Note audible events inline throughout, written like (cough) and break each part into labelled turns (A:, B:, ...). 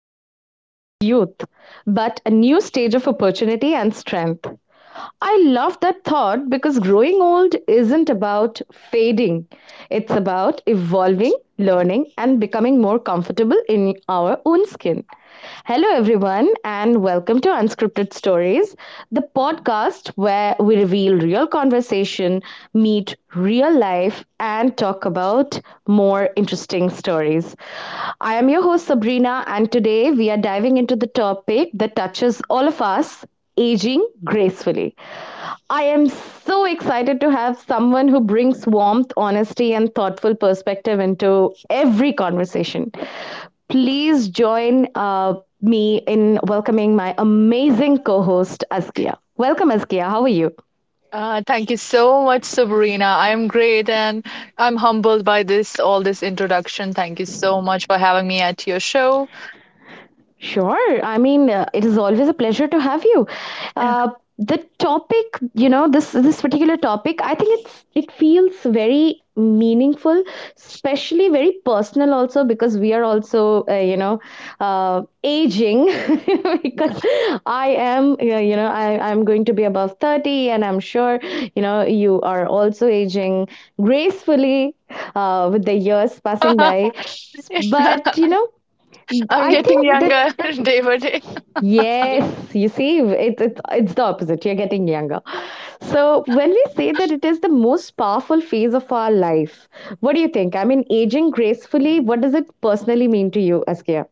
A: not lost youth, but a new stage of opportunity and strength. I love that thought because growing old isn't about fading. It's about evolving, learning, and becoming more comfortable in our own skin. Hello, everyone, and welcome to Unscripted Stories, the podcast where we reveal real conversation, meet real life, and talk about more interesting stories. I am your host, Sabrina, and today we are diving into the topic that touches all of us aging gracefully. I am so excited to have someone who brings warmth, honesty, and thoughtful perspective into every conversation. Please join me in welcoming my amazing co host, Askia. Welcome, Askia. How are you?
B: Thank you so much, Sabrina. I'm great and I'm humbled by this all this introduction. Thank you so much for having me at your show.
A: Sure. I mean, it is always a pleasure to have you. Uh,
B: (laughs)
A: the topic, this particular topic, I think it feels very meaningful, especially very personal also because we are also, aging (laughs) because I am, I'm going to be above 30 and I'm sure, you know, you are also aging gracefully with the years passing by. But, you know,
B: I'm
A: I
B: getting
A: think that
B: younger (laughs) day by day.
A: Yes, you see, it's the opposite. You're getting younger. So, when we say that it is the most powerful phase of our life, what do you think? I mean, aging gracefully, what does it personally mean to you, Askia?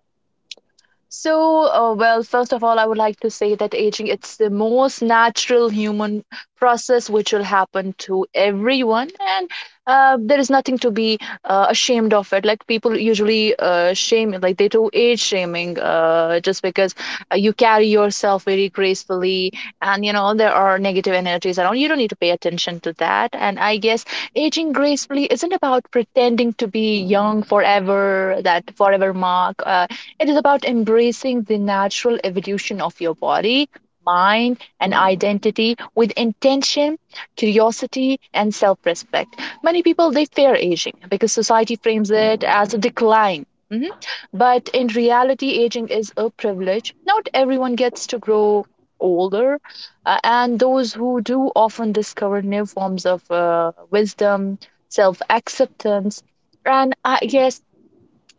B: Well, first of all, I would like to say that aging it's the most natural human process which will happen to everyone, and there is nothing to be ashamed of it. Like people usually shame, like they do age shaming, just because you carry yourself very gracefully, and you know there are negative energies around. You don't need to pay attention to that. And I guess aging gracefully isn't about pretending to be young forever, that forever mark. It is about embracing the natural evolution of your body, mind, and identity with intention, curiosity, and self respect. Many people they fear aging because society frames it as a decline. Mhm. But in reality, aging is a privilege. Not everyone gets to grow older, and those who do often discover new forms of wisdom, self acceptance, and I guess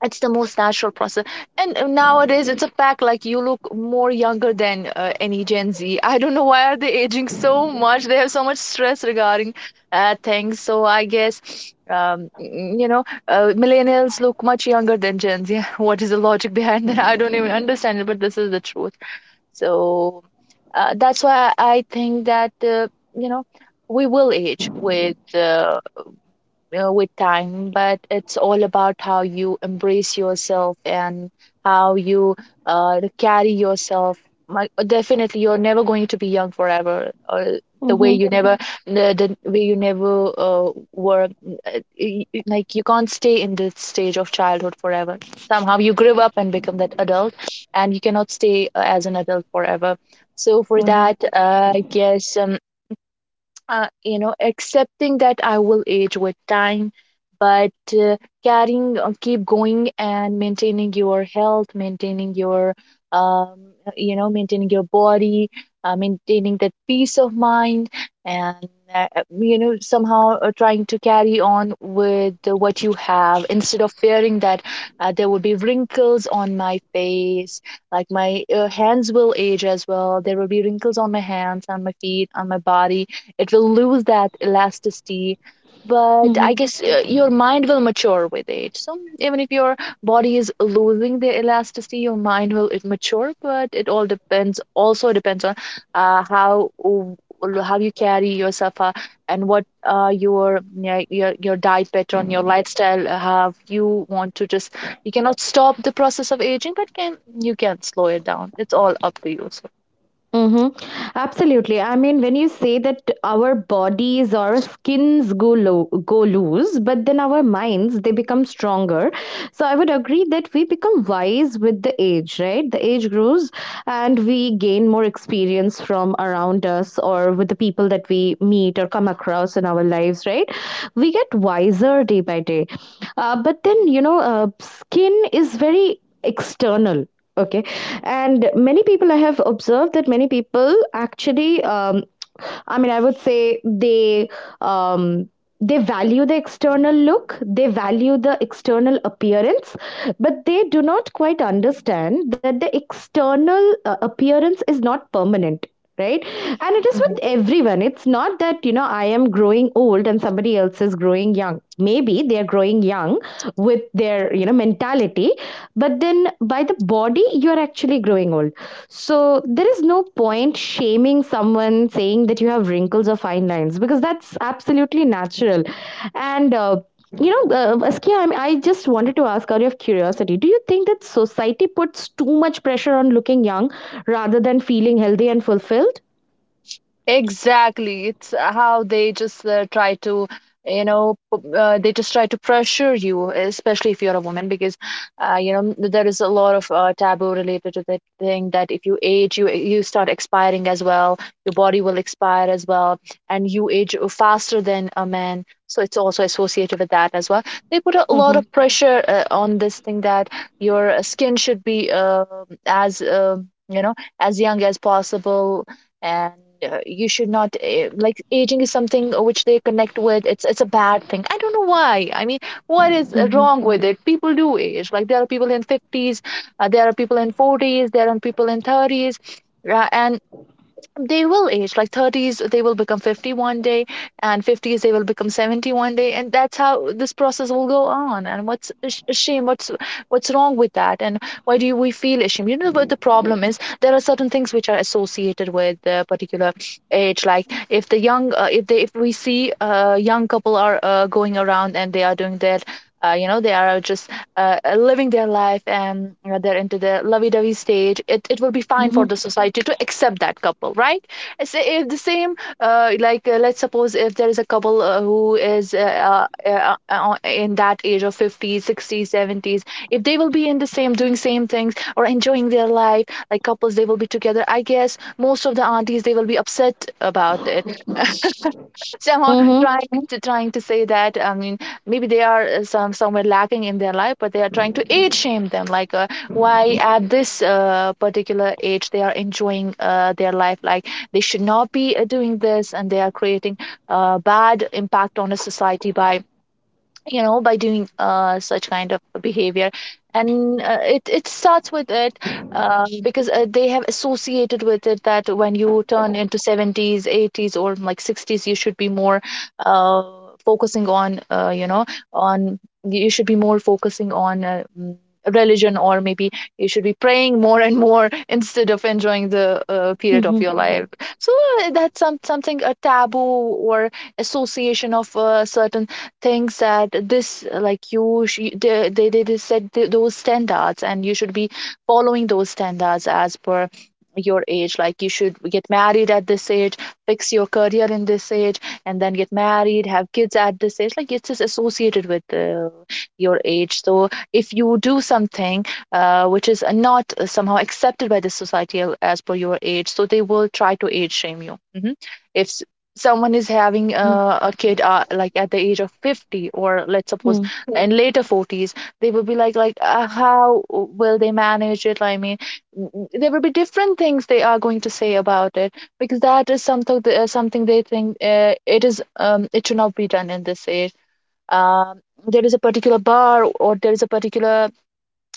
B: it's the most natural process. And nowadays it's a fact, like you look more younger than any Gen Z. I don't know why are they aging so much. They have so much stress regarding things. So I guess millennials look much younger than Gen Z. (laughs) What is the logic behind that? I don't even understand it, but this is the truth. So that's why I think that you know we will age with time, but it's all about how you embrace yourself and how you carry yourself. My, definitely, you're never going to be young forever. Or the way
A: Mm-hmm.
B: you never, the way you never were, like you can't stay in this stage of childhood forever. Somehow you grow up and become that adult, and you cannot stay as an adult forever. So for
A: Mm-hmm.
B: that, I guess accepting that I will age with time, but uh, carrying, keep going and maintaining your health, maintaining your, um, maintaining your body, maintaining that peace of mind, and somehow trying to carry on with what you have, instead of fearing that there would be wrinkles on my face, like my hands will age as well. There will be wrinkles on my hands, on my feet, on my body. It will lose that elasticity, but I guess your mind will mature with age. So even if your body is losing the elasticity, your mind will it mature. But it all depends. Also depends on uh, how how you carry yourself and what your, yeah, your diet pattern, your lifestyle, how you want to just you cannot stop the process of aging, but can you, can slow it down. It's all up to you. So.
A: Mhm. Absolutely. I mean, when you say that our bodies or our skins go low, go loose, but then our minds they become stronger. So I would agree that we become wise with the age, right? The age grows, and we gain more experience from around us or with the people that we meet or come across in our lives, right? We get wiser day by day. But then you know, skin is very external. Okay, and many people, I have observed that many people actually, I mean, I would say um, they value the external look, they value the external appearance, but they do not quite understand that the external appearance is not permanent, right? And it is
B: Mhm.
A: with everyone. It's not that, you know, I am growing old and somebody else is growing young. Maybe they are growing young with their, you know, mentality, but then by the body you are actually growing old. So there is no point shaming someone saying that you have wrinkles or fine lines because that's absolutely natural. And you know, Askia, I just wanted to ask out of curiosity, do you think that society puts too much pressure on looking young rather than feeling healthy and fulfilled?
B: Exactly. It's how they just try to, you know, they just try to pressure you, especially if you're a woman, because, you know, there is a lot of taboo related to that thing that if you age, you start expiring as well. Your body will expire as well, and you age faster than a man. So it's also associated with that as well. They put a lot
A: Mm-hmm.
B: of pressure on this thing that your skin should be as, uh, you know, as young as possible, and you should not like aging is something which they connect with, it's a bad thing. I don't know why. I mean, what is
A: Mm-hmm.
B: wrong with it? People do age. Like there are people in 50s, there are people in 40s, there are people in 30s, and they will age. Like 30s they will become 50 one day, and 50s they will become 70 one day, and that's how this process will go on. And what's a shame, what's wrong with that? And why do we feel ashamed? You know what the problem is, there are certain things which are associated with the particular age. Like if the young, if they, if we see a young couple are going around and they are doing their, they are just living their life, and they're into the lovey-dovey stage, it will be fine
A: Mm-hmm.
B: for the society to accept that couple, right? It's, if the same, let's suppose if there is a couple who is in that age of 50s, 60s, 70s, if they will be in the same doing same things or enjoying their life like couples, they will be together, I guess most of the aunties they will be upset about it. So I
A: Mm-hmm.
B: trying to trying to say that, I mean, maybe they are some somewhere lacking in their life, but they are trying to age shame them. Like why at this particular age they are enjoying their life, like they should not be doing this, and they are creating a bad impact on a society by, you know, by doing such kind of behavior. And it starts with it, because they have associated with it that when you turn into 70s, 80s, or like 60s, you should be more uh, focusing on on you should be more focusing on religion, or maybe you should be praying more and more (laughs) instead of enjoying the period of
A: Mm-hmm.
B: your life. So that's something a taboo, or association of certain thinks that this, they they set those standards and you should be following those standards as per your age. Like you should get married at this age, fix your career in this age, and then get married, have kids at this age. Like it's just associated with your age. So if you do something which is not somehow accepted by the society as per your age, so they will try to age shame you. Hmm. if s- someone is having a kid like at the age of 50, or let's suppose
A: Mm-hmm.
B: in later 40s, they will be like, how will they manage it? I mean, there will be different things they are going to say about it, because that is something something they think it is, it should not be done in this age. um, there is a particular bar, or there is a particular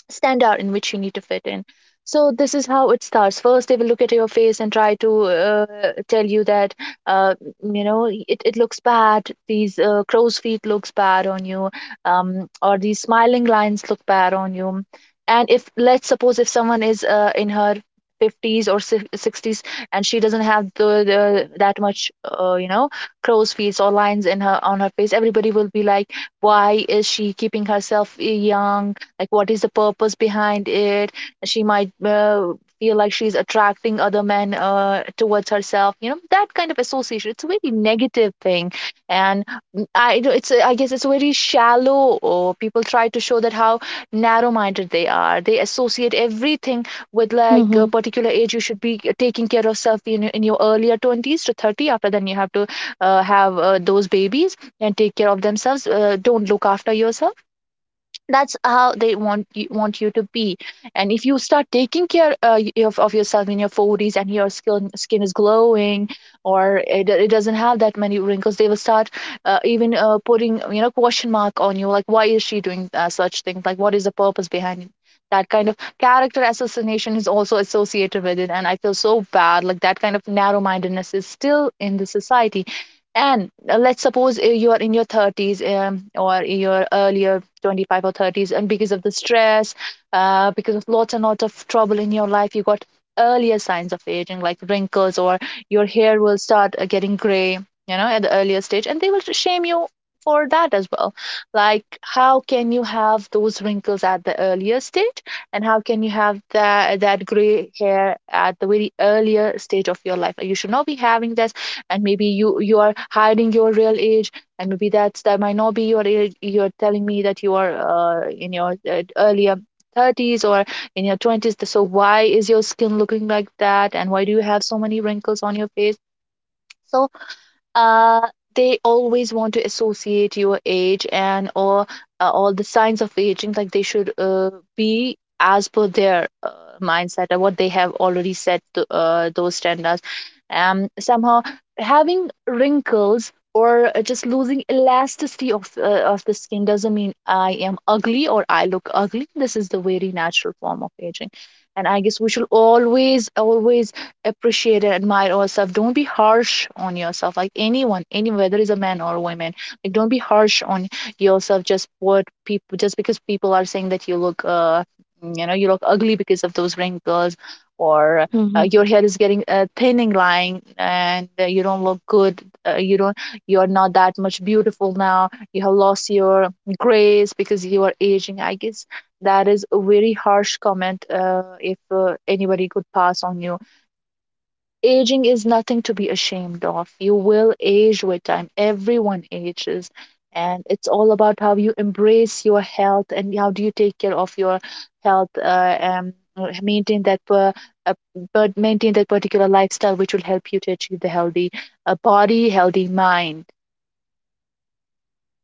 B: stand out in which you need to fit in. So this is how it starts. First, they will look at your face and try to tell you that uh, it, it looks bad. These crow's feet looks bad on you, or these smiling lines look bad on you. And if, let's suppose, if someone is in her 50s, or 60s, and she doesn't have the that much, crow's feet or lines in her on her face, everybody will be like, why is she keeping herself young? Like what is the purpose behind it? She might feel like she's attracting other men towards herself. You know, that kind of association, it's a very negative thing. And it's I guess it's a very shallow. Or people try to show that how narrow minded they are, they associate everything with like a particular age. You should be taking care of self in your earlier 20s to 30, after then you have to have those babies and take care of themselves, don't look after yourself. That's how they want you to be. And if you start taking care, of yourself in your 40s, and your skin is glowing, or it doesn't have that many wrinkles, they will start even putting, you know, question mark on you, like why is she doing such things? Like what is the purpose behind it? That kind of character assassination is also associated with it, and I feel so bad. Like, that kind of narrow mindedness is still in the society. And let's suppose, you are in your 30s, or your earlier 25 or 30s, and because of the stress, because of lots and lots of trouble in your life, you got earlier signs of aging like wrinkles, or your hair will start getting gray, you know, at the earlier stage, and they will shame you for that as well. Like, how can you have those wrinkles at the earlier stage? And how can you have that gray hair at the very earlier stage of your life? You should not be having this. And maybe you are hiding your real age. And maybe that might not be you're telling me that you are in your earlier 30s or in your 20s. So why is your skin looking like that? And why do you have so many wrinkles on your face? So uh, they always want to associate your age, and or all the signs of aging, like they should be as per their mindset or what they have already set those standards. Somehow having wrinkles, or just losing elasticity of the skin doesn't mean I am ugly or I look ugly. This is the very natural form of aging. And I guess we should always, always appreciate and admire yourself. Don't be harsh on yourself. Like anyone, any, whether it's a man or a woman, like don't be harsh on yourself. Just what people, just because people are saying that you look ugly because of those wrinkles, or
A: Mm-hmm.
B: your hair is getting, thinning line, and you don't look good. You don't, you're not that much beautiful now. You have lost your grace because you are aging, I guess. That is a very harsh comment, if anybody could pass on you. Aging is nothing to be ashamed of. You will age with time. Everyone ages. And it's all about how you embrace your health and how do you take care of your health. Uh, but maintain that particular lifestyle which will help you to achieve the healthy, body, healthy mind.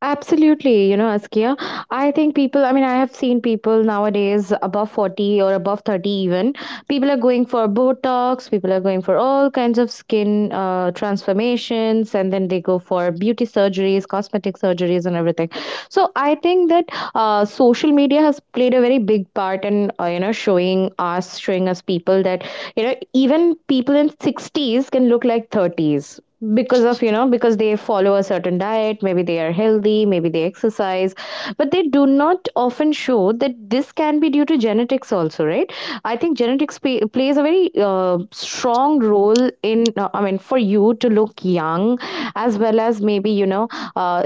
A: Absolutely, you know, Askia. I think people, I mean, I have seen people nowadays above 40 or above 30 even. People are going for Botox, people are going for all kinds of skin transformations, and then they go for beauty surgeries, cosmetic surgeries, and everything. So I think that social media has played a very big part in, you know, showing us people that, you know, even people in 60's can look like 30's because of, you know, because they follow a certain diet, maybe they are healthy, maybe they exercise, but they do not often show that this can be due to genetics also, right? I think plays a very strong role in, I mean for you to look young as well as maybe, you know, uh,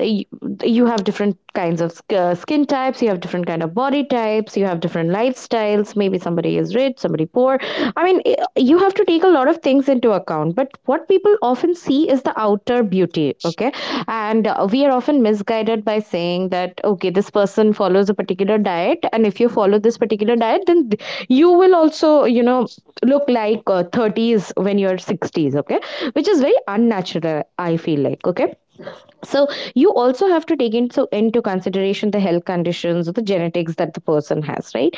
A: you have different kinds of skin types, you have different kind of body types, you have different lifestyles, maybe somebody is rich, somebody poor. I mean, you have to take a lot of things into account, but what people often see is the outer beauty. Okay, and we are often misguided by saying that okay, this person follows a particular diet, and if you follow this particular diet, then you will also, you know, look like 30's when you're 60's. Okay, which is very unnatural, I feel, like. Okay, so you also have to take into consideration the health conditions or the genetics that the person has, right?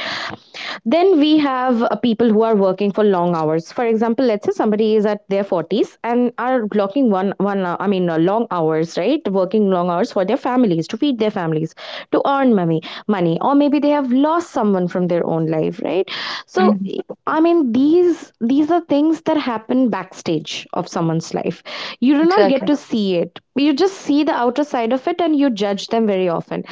A: Then we have people who are working for long hours. For example, let's say somebody is at their 40's and are blocking one one I mean, long hours, right? Working long hours for their families, to feed their families, to earn money, or maybe they have lost someone from their own life, right? So
B: Mhm.
A: I mean, these are things that happen backstage of someone's life. You do not get
B: Exactly.
A: to
B: (laughs)
A: see it. You just see the outer side of it, and you judge them very often.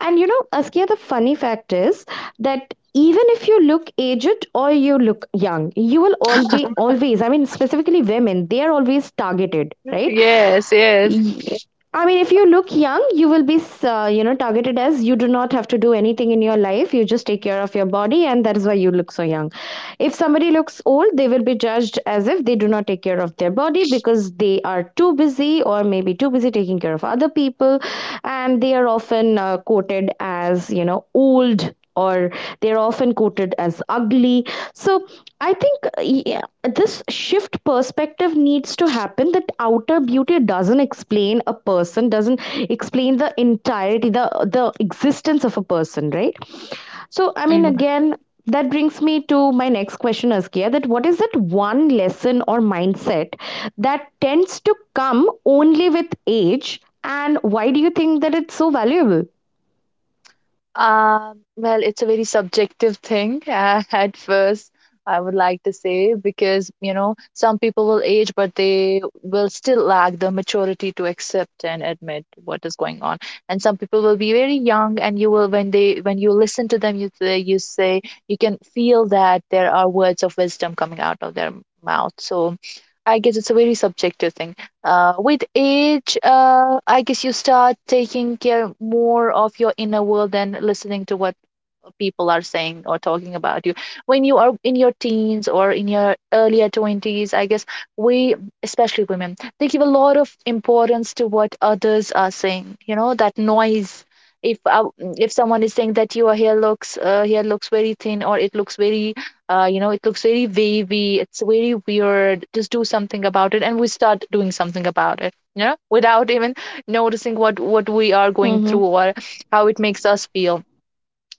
A: And you know, Askia, the funny fact is that even if you look aged or you look young, you will all be always. I mean, specifically women, they are always targeted, right?
B: Yes, yes.
A: Y- I mean, if you look young, you will be, you know, targeted as you do not have to do anything in your life. You just take care of your body, and that is why you look so young. If somebody looks old, they will be judged as if they do not take care of their body because they are too busy or maybe too busy taking care of other people, and they are often quoted as, you know, old, or they're often quoted as ugly. So I think, yeah, this shift perspective needs to happen, that outer beauty doesn't explain a person, doesn't explain the entirety, the existence of a person, right? So I mean, again, that brings me to my next question, Askia: that what is that one lesson or mindset that tends to come only with age, and why do you think that it's so valuable?
B: Well, it's a very subjective thing (laughs) at first, I would like to say, because, some people will age, but they will still lack the maturity to accept and admit what is going on. And some people will be very young, and you will, when you listen to them, you say, you can feel that there are words of wisdom coming out of their mouth. So I guess it's a very subjective thing. With age, I guess you start taking care more of your inner world than listening to what people are saying or talking about you when you are in your teens or in your earlier 20s. I guess we, especially women, they give a lot of importance to what others are saying, you know, that noise. If uh, if someone is saying that your hair looks very thin, or it looks very, you know, it looks very wavy, it's very weird, just do something about it, and we start doing something about it, you know, without even noticing what we are going
A: Mm-hmm.
B: through or how it makes us feel.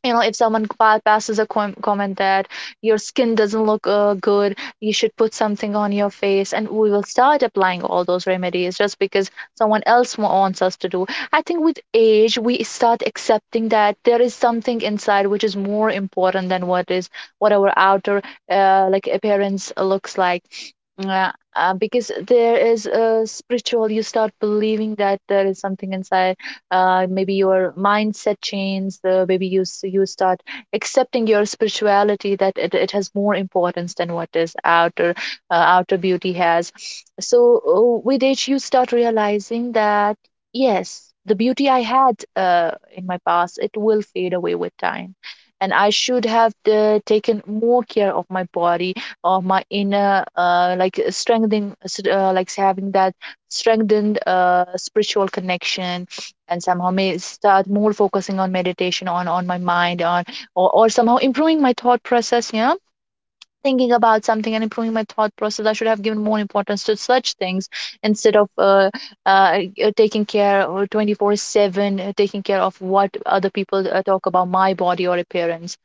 B: You know, if someone passes a comment that your skin doesn't look, good, you should put something on your face, and we will start applying all those remedies just because someone else wants us to do. I think with age we start accepting that there is something inside which is more important than what our outer, like, appearance looks like. Yeah, because there is a spiritual, you start believing that there is something inside. Maybe your mindset changes. Maybe you start accepting your spirituality, that it has more importance than what is outer, outer beauty has. So with age, you start realizing that yes, the beauty I had, in my past, it will fade away with time, and I should have taken more care of my body or my inner, strengthening, like having that strengthened, spiritual connection, and somehow may start more focusing on meditation, on my mind, on or somehow improving my thought process, you know, thinking about something and improving my thought process. I should have given more importance to such things instead of, uh, taking care of 24/7, taking care of what other people talk about my body or appearance.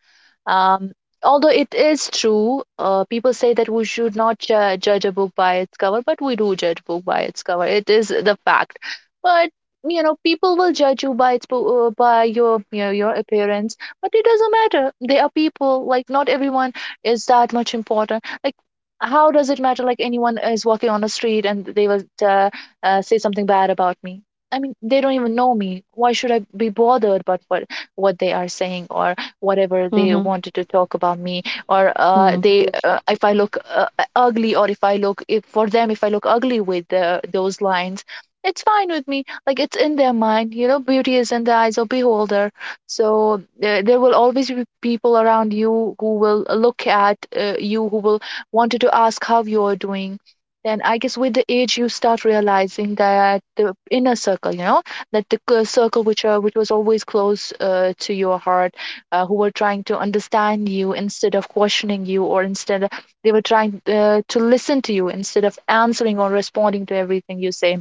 B: um, Although it is true, people say that we should not judge a book by its cover, but we do judge book by its cover. It is the fact. But, you know, people will judge you by its by your appearance, but it doesn't matter. They are people. Like, not everyone is that much important. Like. How does it matter? Like, anyone is walking on the street and they will, say something bad about me. I mean, they don't even know me. Why should I be bothered about what they are saying, or whatever they
A: Mm-hmm.
B: wanted to talk about me? Or
A: Mm-hmm.
B: they, if I look, ugly, or if I look, if for them, if I look ugly with those lines, it's fine with me. Like, it's in their mind. You know, beauty is in the eyes of beholder. So there will always be people around you who will look at, you, who will wanted to ask how you're doing. Then I guess with the age you start realizing that the inner circle, you know, that the circle which was always close, to your heart, who were trying to understand you instead of questioning you, or instead of, they were trying, to listen to you instead of answering or responding to everything you say.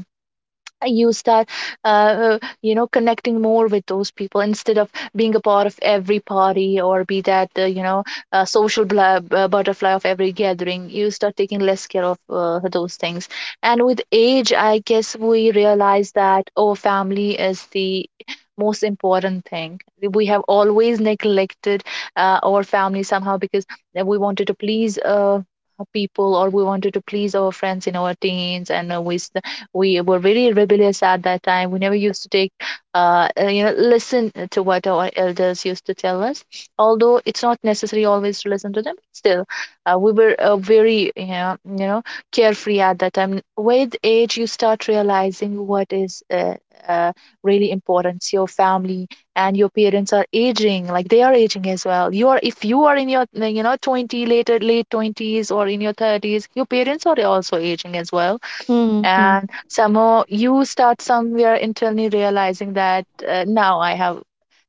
B: You start, you know, connecting more with those people instead of being a part of every party, or be that, you know, social butterfly of every gathering. You start taking less care of, those things. And with age I guess we realize that our family is the most important thing. We have always neglected, our family somehow, because we wanted to please, people, or we wanted to please our friends in our teens, and we were very rebellious at that time. We never used to take, you know, listen to what our elders used to tell us. Although it's not necessary always to listen to them, still, we were, very, you know, carefree at that time. With age, you start realizing what is. Uh, Really important, your family, and your parents are aging, like they are aging as well. You are, if you are in your, you know, 20, late 20s, or in your 30s, your parents are also aging as well.
A: Hmm, hmm.
B: And somehow you start somewhere internally realizing that, now I have,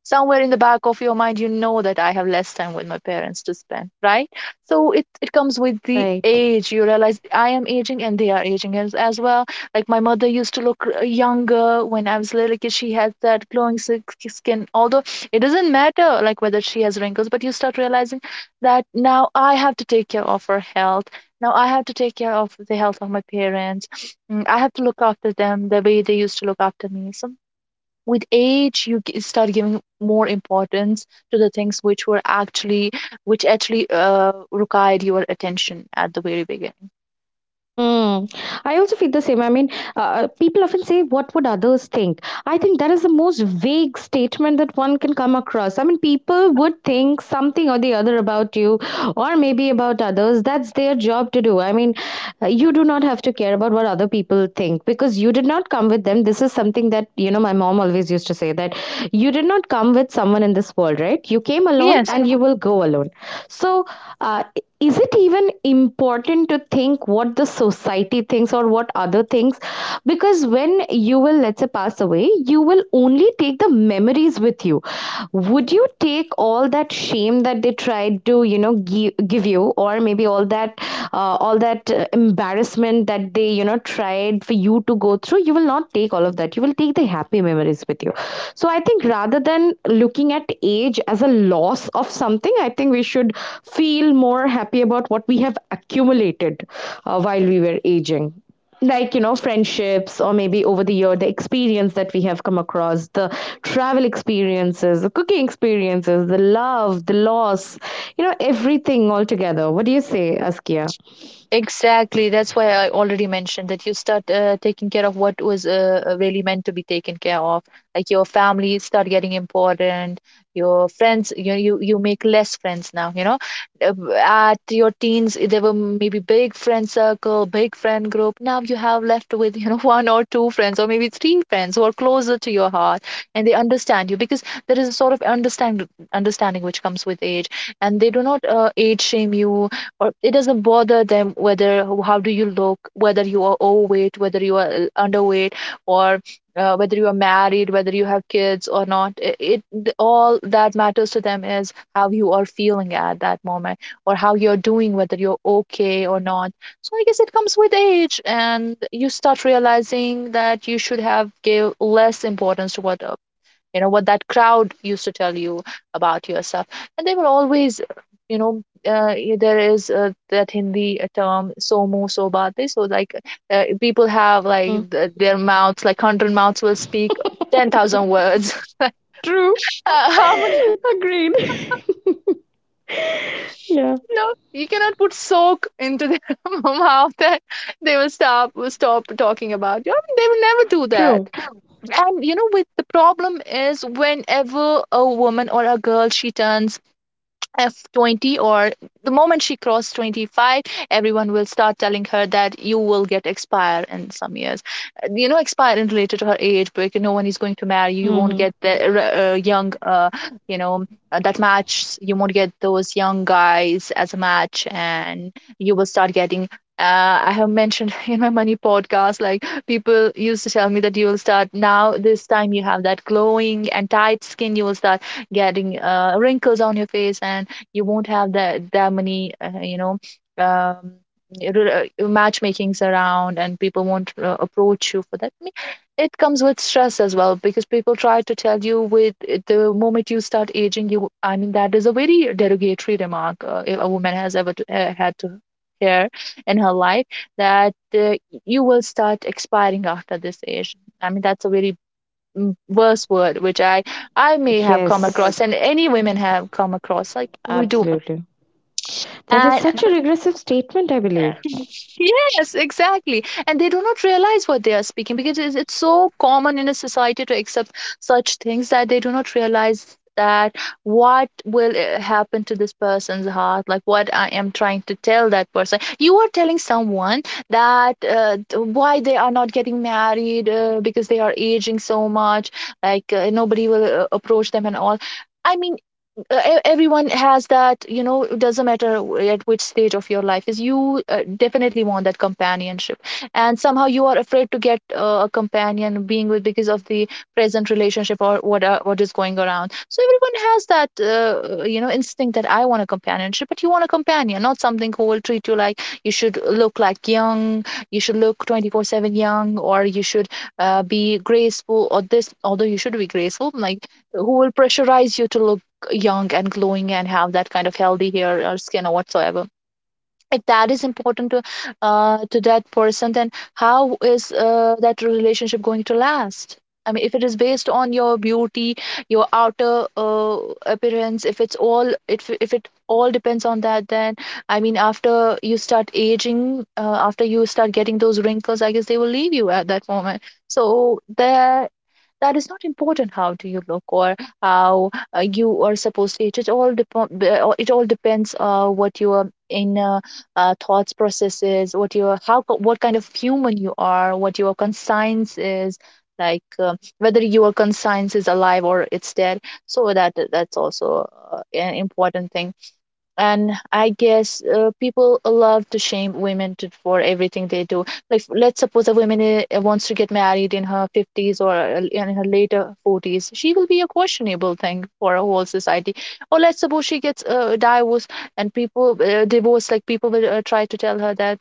B: somewhere in the back of your mind, you know, that I have less time with my parents to spend, right? So it comes with the
A: Right.
B: age. You realize I am aging and they are aging as well. Like my mother used to look, younger, when I was little kid. She had that glowing skin. Although it doesn't matter, like whether she has wrinkles, but you start realizing that now I have to take care of her health. Now I have to take care of the health of my parents. Mm, I have to look after them the way they used to look after me. So with age, you start giving more importance to the things which were actually, which actually required your attention at the very beginning.
A: Hmm. I also feel the same. I mean, people often say, "What would others think?" I think that is the most vague statement that one can come across. I mean, people would think something or the other about you, or maybe about others. That's their job to do. I mean, you do not have to care about what other people think because you did not come with them. This is something that you know. My mom always used to say that you did not come with someone in this world, right? You came alone,
B: Yes.
A: and you will go alone. So. Uh, is it even important to think what the society thinks or what other thinks? Because when you will, let's say, pass away, you will only take the memories with you. Would you take all that shame that they tried to, you know, give you, or maybe all that, embarrassment that they, you know, tried for you to go through? You will not take all of that. You will take the happy memories with you. So I think, rather than looking at age as a loss of something, I think we should feel more happy about what we have accumulated while we were aging, like, you know, friendships, or maybe over the year, the experience that we have come across, the travel experiences, the cooking experiences, the love, the loss, you know, everything all together. What do you say, Askia?
B: Exactly. That's why I already mentioned that you start, taking care of what was, really meant to be taken care of. Like your family start getting important. Your friends, you make less friends now. You know, at your teens there were maybe big friend circle, big friend group. Now you have left with (laughs) one or two friends or maybe three friends who are closer to your heart, and they understand you because there is a sort of understanding which comes with age, and they do not age shame you, or it doesn't bother them whether how do you look, whether you are overweight, whether you are underweight, or whether you are married, whether you have kids or not. It, it th- all that matters to them is how you are feeling at that moment, or how you're doing, whether you're okay or not. So I guess it comes with age, and you start realizing that you should have give less importance to what, you know, what that crowd used to tell you about yourself. And they were always, there is that hindi term somo sobate. So like, people have
A: Mhm.
B: like their mouths, like 100 mouths will speak 10,000 words.
A: True.
B: (laughs) uh, how
A: (laughs)
B: many (laughs)
A: Agreed. (laughs) Yeah.
B: You know, you cannot put soak into their (laughs) mouth, that they will stop talking about you. I mean, they will never do that.
A: True.
B: And you know, with the problem is whenever a woman or a girl, she turns F20, or the moment she crossed 25, everyone will start telling her that you will get expire in some years. You know, expire in related to her age, because no one is going to marry you. You won't
A: Mm-hmm.
B: get the young, you know, that match. You won't get those young guys as a match. And you will start getting. I have mentioned (laughs) in my money podcast, like people used to tell me that you will start now. This time you have that glowing and tight skin. You will start getting wrinkles on your face, and you won't have that many um, matchmakings around, and people won't approach you for that. I mean, it comes with stress as well, because people try to tell you with, the moment you start aging, you, I mean, that is a very derogatory remark. If a woman has ever to, had to hear in her life that you will start expiring after this age, I mean, that's a very worse word which I may have come across,
A: Yes.
B: and any women have come across. Like we do.
A: Absolutely. That is
B: And
A: such a regressive statement, I believe.
B: (laughs) yes, exactly. And they do not realize what they are speaking, because it's so common in a society to accept such things that they do not realize that what will happen to this person's heart, like what I am trying to tell that person. You are telling someone that why they are not getting married, because they are aging so much, like nobody will approach them and all. I mean, everyone has that, you know, it doesn't matter at which stage of your life is, you definitely want that companionship, and somehow you are afraid to get a companion being with because of the present relationship or what, what is going around. So everyone has that, you know, instinct that I want a companionship, but you want a companion, not something who will treat you like you should look like young, you should look 24/7 young, or you should be graceful or this. Although you should be graceful, like, who will pressurize you to look young and glowing and have that kind of healthy hair or skin or whatsoever. If that is important to that person, then how is that relationship going to last? I mean, if it is based on your beauty, your outer appearance, if it all depends on that, then I mean, after you start aging, after you start getting those wrinkles, I guess they will leave you at that moment. So there, that is not important, how do you look, or how you are supposed to eat. It it all depends what your in thoughts processes, what your, how, what kind of human you are, what your conscience is, like whether your conscience is alive or it's dead. So that's also an important thing. And I guess people love to shame women to, for everything they do. Like let's suppose a woman wants to get married in her 50s, or in her later 40s, she will be a questionable thing for a whole society. Or let's suppose she gets divorced, and people divorced like people will try to tell her that,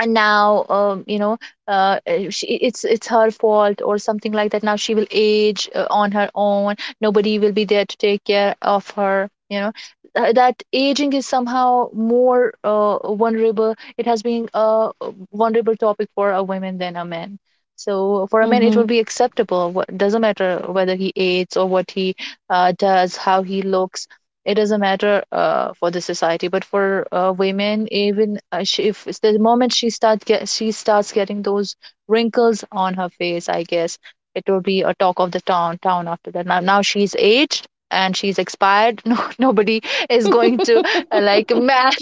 B: and now you know, she, it's her fault or something like that, now she will age on her own, nobody will be there to take care of her, you know. That aging is somehow more vulnerable, it has been a vulnerable topic for a woman than a man. So for a man, it
A: Mm-hmm.
B: will be acceptable, what, doesn't matter whether he aids or what he does, how he looks. It doesn't matter for the society, but for women, even she, if it's the moment she start get she starts getting those wrinkles on her face, I guess it will be a talk of the town after that. Now, now she's aged and she's expired. (laughs) No, nobody is going to like
A: (laughs)
B: man.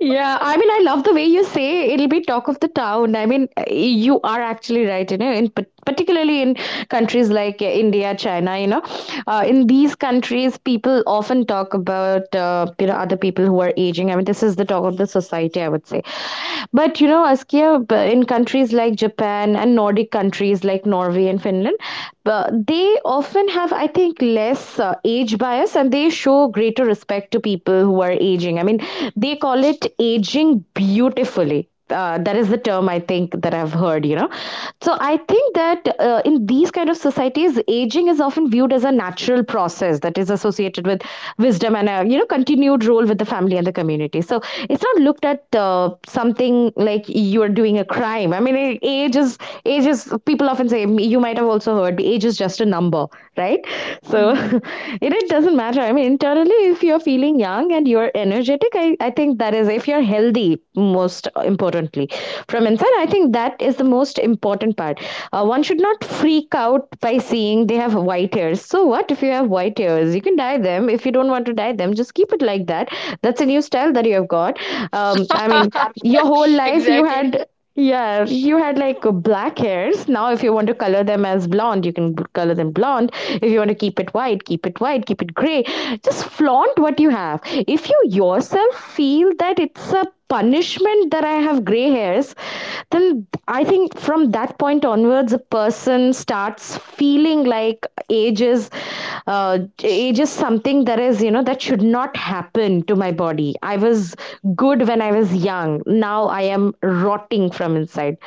A: Yeah, I mean, I love the way you say it'll be talk of the town. I mean, you are actually right, you know, in particularly in countries like India, China, you know, in these countries, people often talk about, you know, other people who are aging. I mean, this is the talk of the society, I would say. But you know, Askia, in countries like Japan and Nordic countries like Norway and Finland, but they often have, I think, less age bias, and they show greater respect to people who are aging. I mean, they call it aging beautifully. That is the term, I think, that I've heard, you know. So I think that in these kind of societies, aging is often viewed as a natural process that is associated with wisdom and a, you know, continued role with the family and the community. So it's not looked at, something like you're doing a crime. I mean, age is, age is, people often say, you might have also heard, age is just a number, right? So (laughs) it doesn't matter. I mean, internally, if you're feeling young and you're energetic, I think that is, if you're healthy, most importantly, from inside, I think that is the most important part. One should not freak out by seeing they have white hairs. So what if you have white hairs? You can dye them. If you don't want to dye them, just keep it like that. That's a new style that you have got. I mean, your whole
B: (laughs)
A: life you
B: exactly
A: had, yeah, you had like black hairs. Now, if you want to color them as blonde, you can color them blonde. If you want to keep it white, keep it white, keep it gray. Just flaunt what you have. If you yourself feel that it's a punishment that I have gray hairs, till, I think from that point onwards, a person starts feeling like age is, age is something that is, you know, that should not happen to my body. I was good when I was young. Now I am rotting from inside,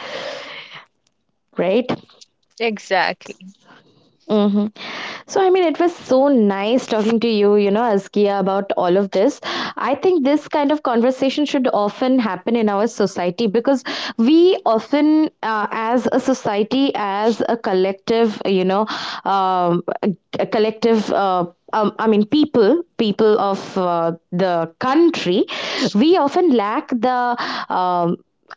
A: right?
B: exactly
A: Mm-hmm. So, I mean, it was so nice talking to you, you know, Askia, about all of this. I think this kind of conversation should often happen in our society, because we often, as a society, as a collective, you know, um, a, a collective. I mean, people of the country, we often lack the um,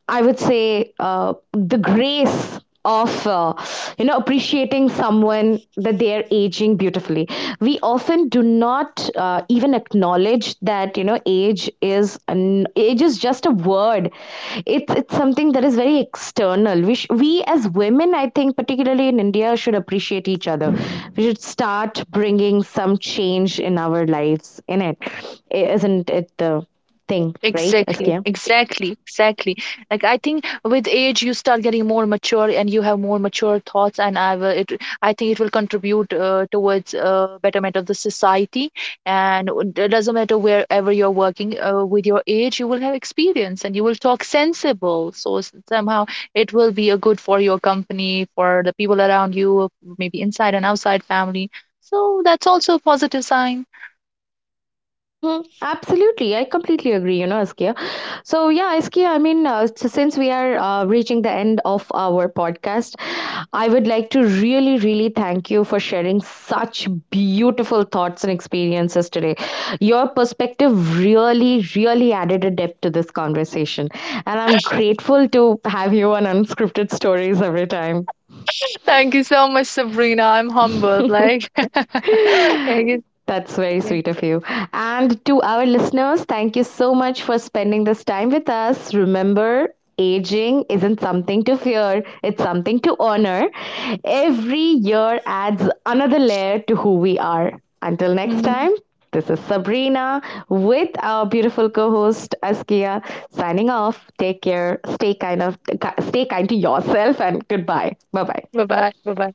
A: I would say the grace of you know, appreciating someone that they are aging beautifully. We often do not even acknowledge that, you know, age is just a word. It's something that is very external. We we as women, I think particularly in India, should appreciate each other. We should start bringing some change in our lives in it, not it the thing, right,
B: Exactly,
A: Askia?
B: exactly, exactly. Like I think with age you start getting more mature and you have more mature thoughts, and I will. I think it will contribute towards betterment of the society. And it doesn't matter wherever you're working. With your age, you will have experience and you will talk sensible. So somehow it will be a good for your company, for the people around you, maybe inside and outside family. So that's also a positive sign.
A: Mm-hmm. Absolutely. I completely agree, you know, Askia. So, yeah, Askia, I mean, since we are reaching the end of our podcast, I would like to really, really thank you for sharing such beautiful thoughts and experiences today. Your perspective really, really added a depth to this conversation. And I'm grateful to have you on Unscripted Stories every time.
B: Thank you so much, Sabrina. I'm humbled. Like, (laughs) thank
A: That's very
B: you.
A: sweet of you. And to our listeners, thank you so much for spending this time with us. Remember, aging isn't something to fear, it's something to honor. Every year adds another layer to who we are. Until next
B: Mhm.
A: time, this is Sabrina with our beautiful co-host Askia signing off. Take care. Stay kind of stay kind to yourself and goodbye. Bye-bye.
B: Bye-bye. Bye-bye.